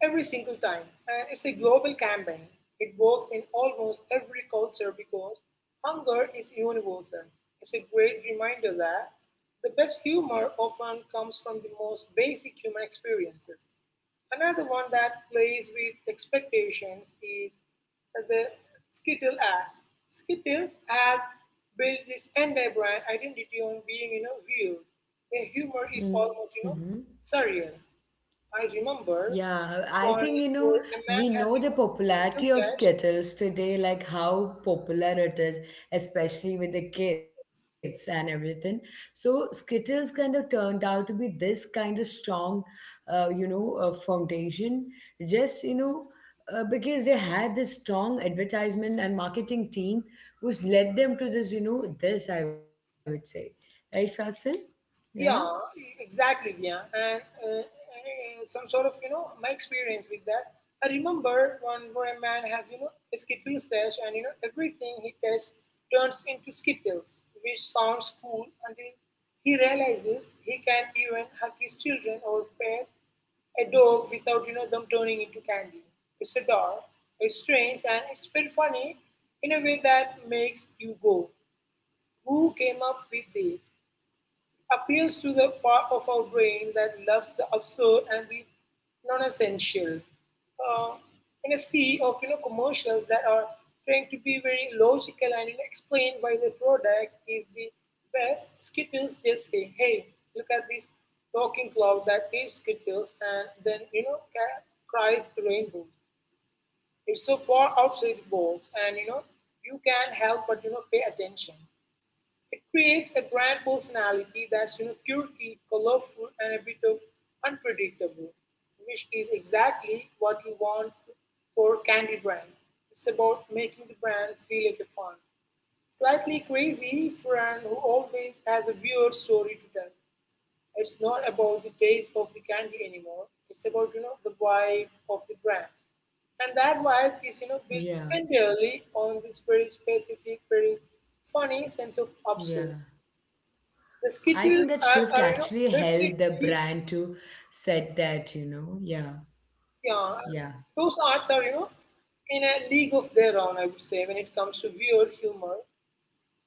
every single time. And it's a global campaign. It works in almost every culture because hunger is universal. It's a great reminder that the best humor often comes from the most basic human experiences. Another one that plays with expectations is the Skittle ads. Skittles has built this entire brand identity on being, you know, weird. Their humor is almost, you know, Mm-hmm. surreal. I remember Yeah, I one think you know where a we man has know you the know, this popularity little of dash. Skittles today, like how popular it is, especially with the kids and everything. So Skittles kind of turned out to be this kind of strong, uh, you know, uh, foundation. Just you know, uh, because they had this strong advertisement and marketing team, which led them to this, you know, this I would say, right, Fasil? Yeah, Yeah, exactly. Yeah, and uh, uh, some sort of you know my experience with that. I remember one where a man has you know a skittle stash, and you know everything he touches turns into skittles, which sounds cool until he realizes he can even hug his children or pet a dog without you know them turning into candy. It's a dog. It's strange and it's bit funny in a way that makes you go, "Who came up with this?" Appeals to the part of our brain that loves the absurd and the non-essential. Uh, in a sea of you know commercials that are trying to be very logical and you know, explain why the product is the best, Skittles just say, "Hey, look at this talking cloud that eats Skittles," and then you know cries rainbow. It's so far outside the box, and you know you can't help but you know pay attention. It creates a grand personality that's you know quirky, colorful, and a bit of unpredictable, which is exactly what you want for Candy Brand. It's about making the brand feel like a fun, slightly crazy friend who always has a weird story to tell. It's not about the taste of the candy anymore. It's about you know the vibe of the brand, and that vibe is you know built yeah, entirely on this very specific, very funny sense of absurd. yeah. The I think Skittles that ads shift are, you know, actually helped the definitely, brand to set that, you know. Yeah, yeah, yeah, those ads are, you know, in a league of their own, I would say, when it comes to weird humor.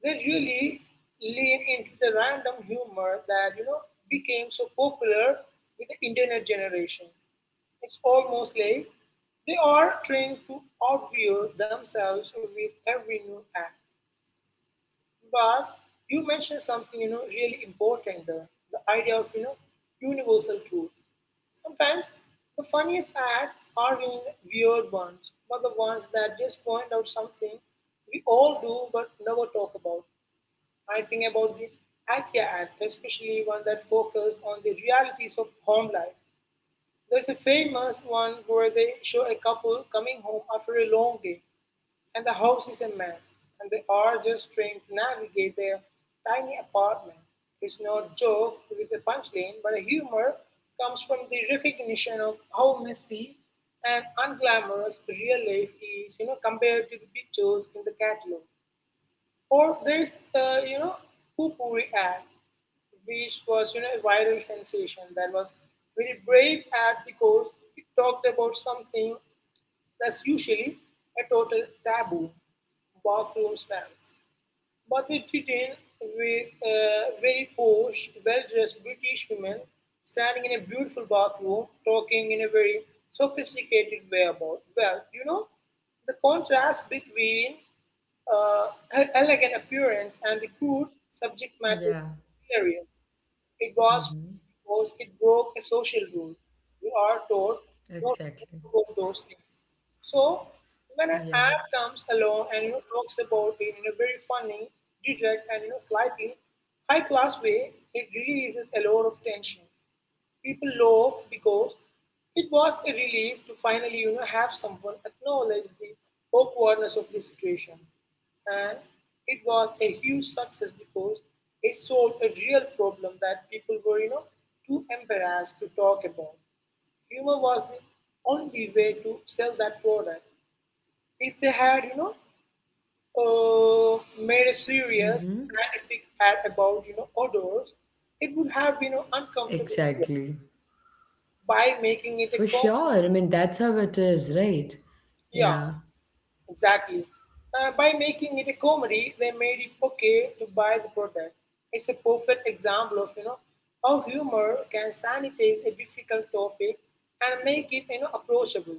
They really lean into the random humor that, you know, became so popular with the internet generation. It's almost like they are trying to outwear themselves with every new act. But you mentioned something you know really important there, the idea of you know universal truth. Sometimes the funniest ads are in weird ones, but the ones that just point out something we all do but never talk about. I think about the IKEA ad, especially one that focuses on the realities of home life. There's a famous one where they show a couple coming home after a long day and the house is a mess, and they are just trying to navigate their tiny apartment. It's no joke with a punchline, but the humor comes from the recognition of how messy and unglamorous real life is, you know, compared to the pictures in the catalog. Or there's, uh, you know, Poo Pupuri ad, which was, you know, a viral sensation that was very brave ad because it talked about something that's usually a total taboo. Bathroom smells. But they did in with uh, very posh, well dressed British women standing in a beautiful bathroom talking in a very sophisticated way about, well, you know, the contrast between uh, her elegant appearance and the crude subject matter is yeah. hilarious. It was Mm-hmm. because it broke a social rule. We are taught not to talk Exactly. about those things. So when an app Yeah. comes along and you know talks about it in a very funny, direct, and you know slightly high class way, it releases a lot of tension. People laughed because it was a relief to finally you know, have someone acknowledge the awkwardness of the situation. And it was a huge success because it solved a real problem that people were, you know, too embarrassed to talk about. Humor was the only way to sell that product. If they had, you know, uh, made a serious Mm-hmm. scientific ad about, you know, odors, it would have been you know, uncomfortable Exactly. by making it a For comedy. sure. I mean, that's how it is, right? Yeah, Yeah. exactly. Uh, by making it a comedy, they made it okay to buy the product. It's a perfect example of you know how humor can sanitize a difficult topic and make it you know approachable.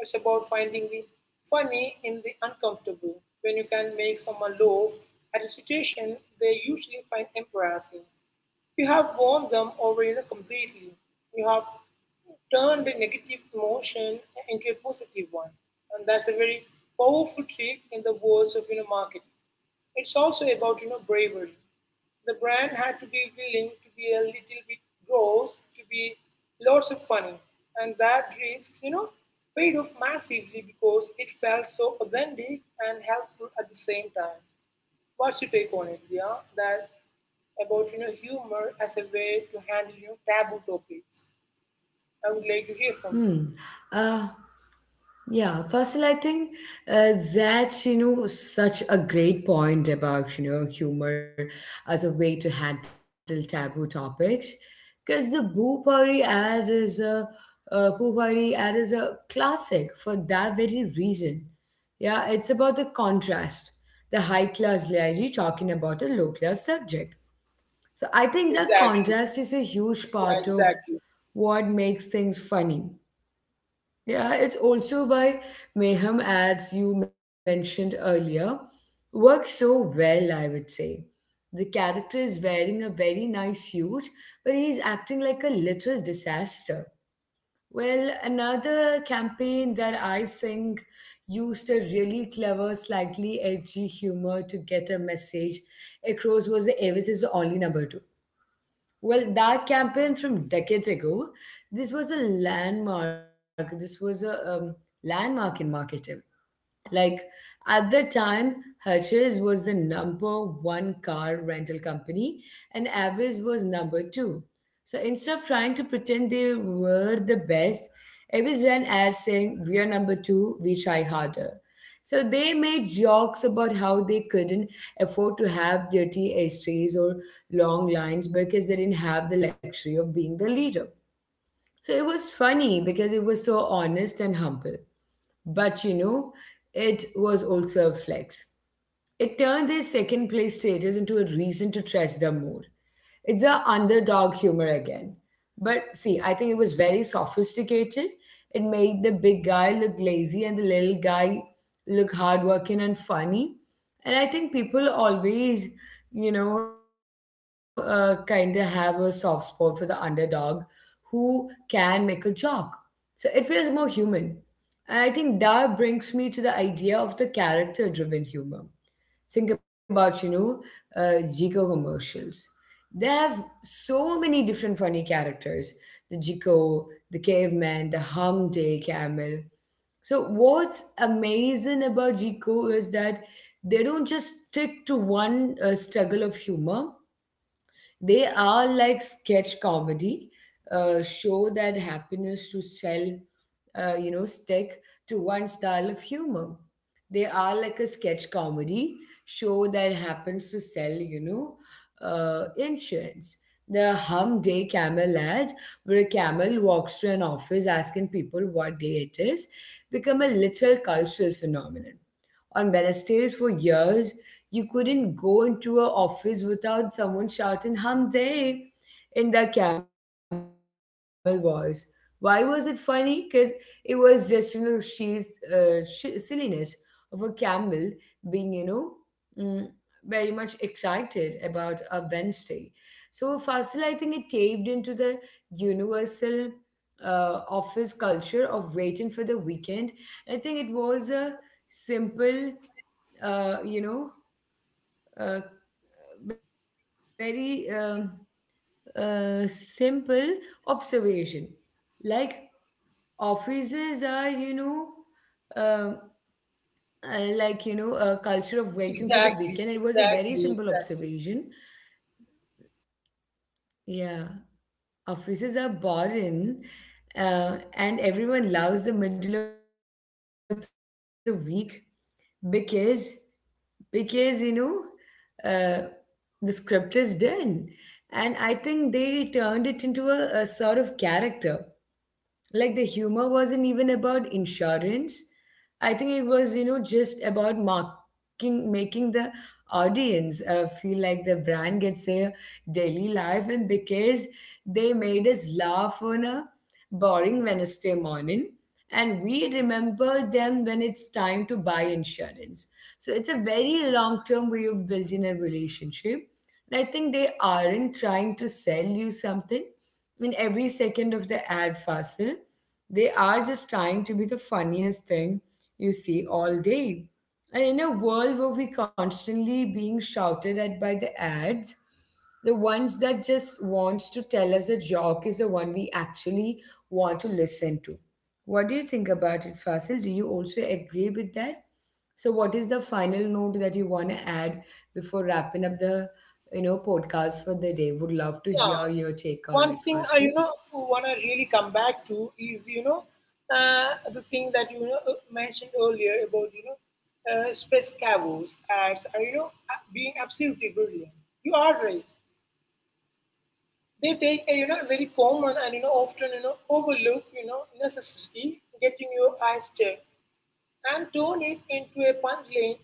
It's about finding the funny in the uncomfortable when you can make someone laugh at a situation they usually find embarrassing. You have won them over you know, completely. You have turned a negative emotion into a positive one. And that's a very powerful trick in the worlds of you know, marketing. It's also about you know bravery. The brand had to be willing to be a little bit gross, to be lots of funny, and that risk, you know, paid off massively because it felt so authentic and helpful at the same time. What's your take on it, yeah? That about you know humor as a way to handle you know, taboo topics. I would like to hear from you. Hmm. Uh, Yeah, Fasil, I think uh, that's, you know, such a great point about, you know, humor as a way to handle taboo topics. Because the Bhoo ad is a, uh, Bhoo ad is a classic for that very reason. Yeah, it's about the contrast, the high class lady talking about a low class subject. So I think that Exactly. contrast is a huge Yeah, part of exactly. what makes things funny. Yeah, it's also why Mayhem ads you mentioned earlier work so well, I would say. The character is wearing a very nice suit, but he's acting like a little disaster. Well, another campaign that I think used a really clever, slightly edgy humor to get a message across was the Avis is the only number two, well, that campaign from decades ago, this was a landmark. This was a um, landmark in marketing. Like at the time, Hertz was the number one car rental company and Avis was number two. So instead of trying to pretend they were the best, Avis ran ads saying, "We are number two, we try harder." So they made jokes about how they couldn't afford to have dirty histories or long lines because they didn't have the luxury of being the leader. So it was funny because it was so honest and humble. But you know, it was also a flex. It turned their second place status into a reason to trust them more. It's a underdog humor again. But see, I think it was very sophisticated. It made the big guy look lazy and the little guy look hardworking and funny. And I think people always, you know, uh, kind of have a soft spot for the underdog who can make a joke. So it feels more human. And I think that brings me to the idea of the character driven humor. Think about, you know, uh, Jico commercials. They have so many different funny characters the Jico, the caveman, the hum day camel. So, what's amazing about Jico is that they don't just stick to one uh, struggle of humor they are like sketch comedy, uh, show that happiness to sell, uh, you know, stick to one style of humor. They are like a sketch comedy show that happens to sell, you know, uh, insurance. The Hum Day Camel ad, where a camel walks to an office asking people what day it is, become a literal cultural phenomenon. On Wednesdays for years, you couldn't go into a office without someone shouting hump day in their camel voice. Why was it funny? Because it was just, you know, she's uh, sh- silliness of a camel being, you know, mm, very much excited about a Wednesday. So Fasil, I think it taped into the universal uh, office culture of waiting for the weekend. I think it was a simple, uh, you know, uh, very um, uh, simple observation. Like offices are, you know, um, uh, like, you know, a culture of waiting for the Exactly. weekend. It was a very Exactly. simple Exactly. observation. Yeah, offices are boring, uh, and everyone loves the middle of the week because because you know uh, the script is done. And I think they turned it into a, a sort of character. Like the humor wasn't even about insurance, I think it was you know just about marking making the audience uh, feel like the brand gets their daily life. And because they made us laugh on a boring Wednesday morning, and we remember them when it's time to buy insurance. So it's a very long term way of building a relationship. And I think they aren't trying to sell you something in every second of the ad fossil. They are just trying to be the funniest thing you see all day. And in a world where we're constantly being shouted at by the ads, the ones that just wants to tell us a joke is the one we actually want to listen to. What do you think about it, Fasil? Do you also agree with that? So, what is the final note that you want to add before wrapping up the you know podcast for the day? Would love to Yeah. hear your take on One it, thing I you Fasil. know wanna really come back to is you know uh, the thing that you know, uh, mentioned earlier about you know uh, space cavos as uh, you know uh, being absolutely brilliant. You are right. They take a you know very common and you know often you know overlooked you know necessity, getting your eyes checked, and turn it into a punchline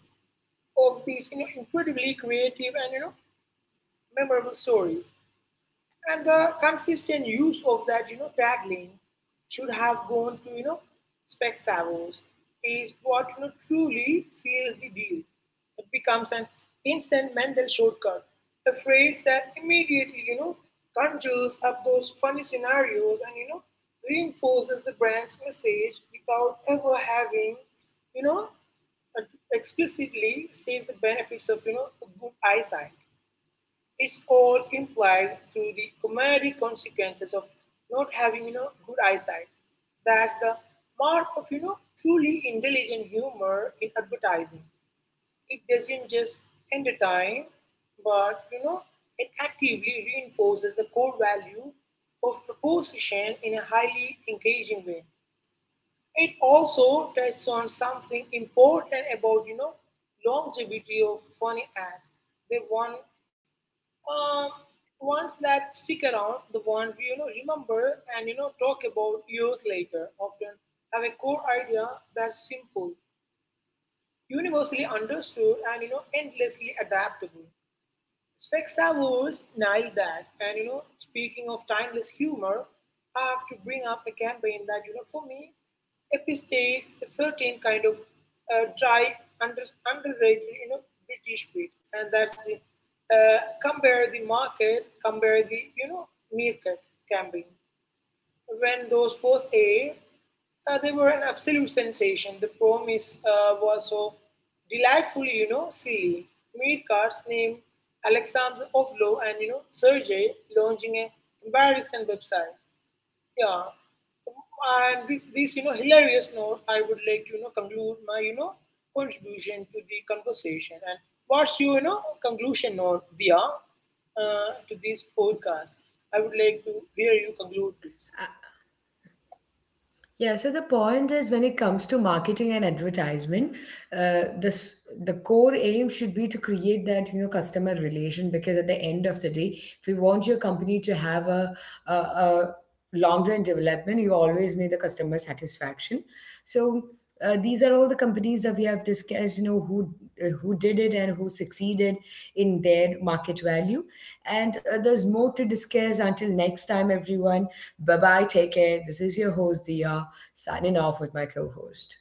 of these you know, incredibly creative and you know memorable stories. And the consistent use of that you know tagline, should have gone to you know spec savos, is what you know truly seals the deal. It becomes an instant mental shortcut, a phrase that immediately you know conjures up those funny scenarios and you know reinforces the brand's message without ever having you know explicitly state the benefits of you know a good eyesight. It's all implied through the comedic consequences of not having you know good eyesight. That's the mark of you know truly intelligent humor in advertising. It doesn't just entertain, but you know it actively reinforces the core value of proposition in a highly engaging way. It also touches on something important about you know longevity of funny ads. They want um, ones that stick around, the ones we you know remember and you know talk about years later, often have a core idea that's simple, universally understood, and you know endlessly adaptable. Specsavers was nailed that. And you know, speaking of timeless humor, I have to bring up a campaign that you know, for me, epistates a certain kind of uh, dry, under, underrated, you know, British bit, and that's the uh, compare the market, compare the you know meerkat campaign. When those first aired, uh, they were an absolute sensation. The promise uh, was so delightfully, you know, silly. Meat cards named Alexander Ovlo and, you know, Sergey launching a comparison website. Yeah. And with this, you know, hilarious note, I would like to, you know, conclude my, you know, contribution to the conversation. And what's your, you know, conclusion note, Dia, uh, to this podcast? I would like to hear you conclude this. Yeah, so the point is when it comes to marketing and advertisement, uh, the s- the core aim should be to create that you know customer relation because at the end of the day, if you want your company to have a a, a long term development, you always need the customer satisfaction. So uh, these are all the companies that we have discussed. You know who uh, who did it and who succeeded in their market value, and uh, there's more to discuss. Until next time, everyone. Bye bye. Take care. This is your host Dia signing off with my co host.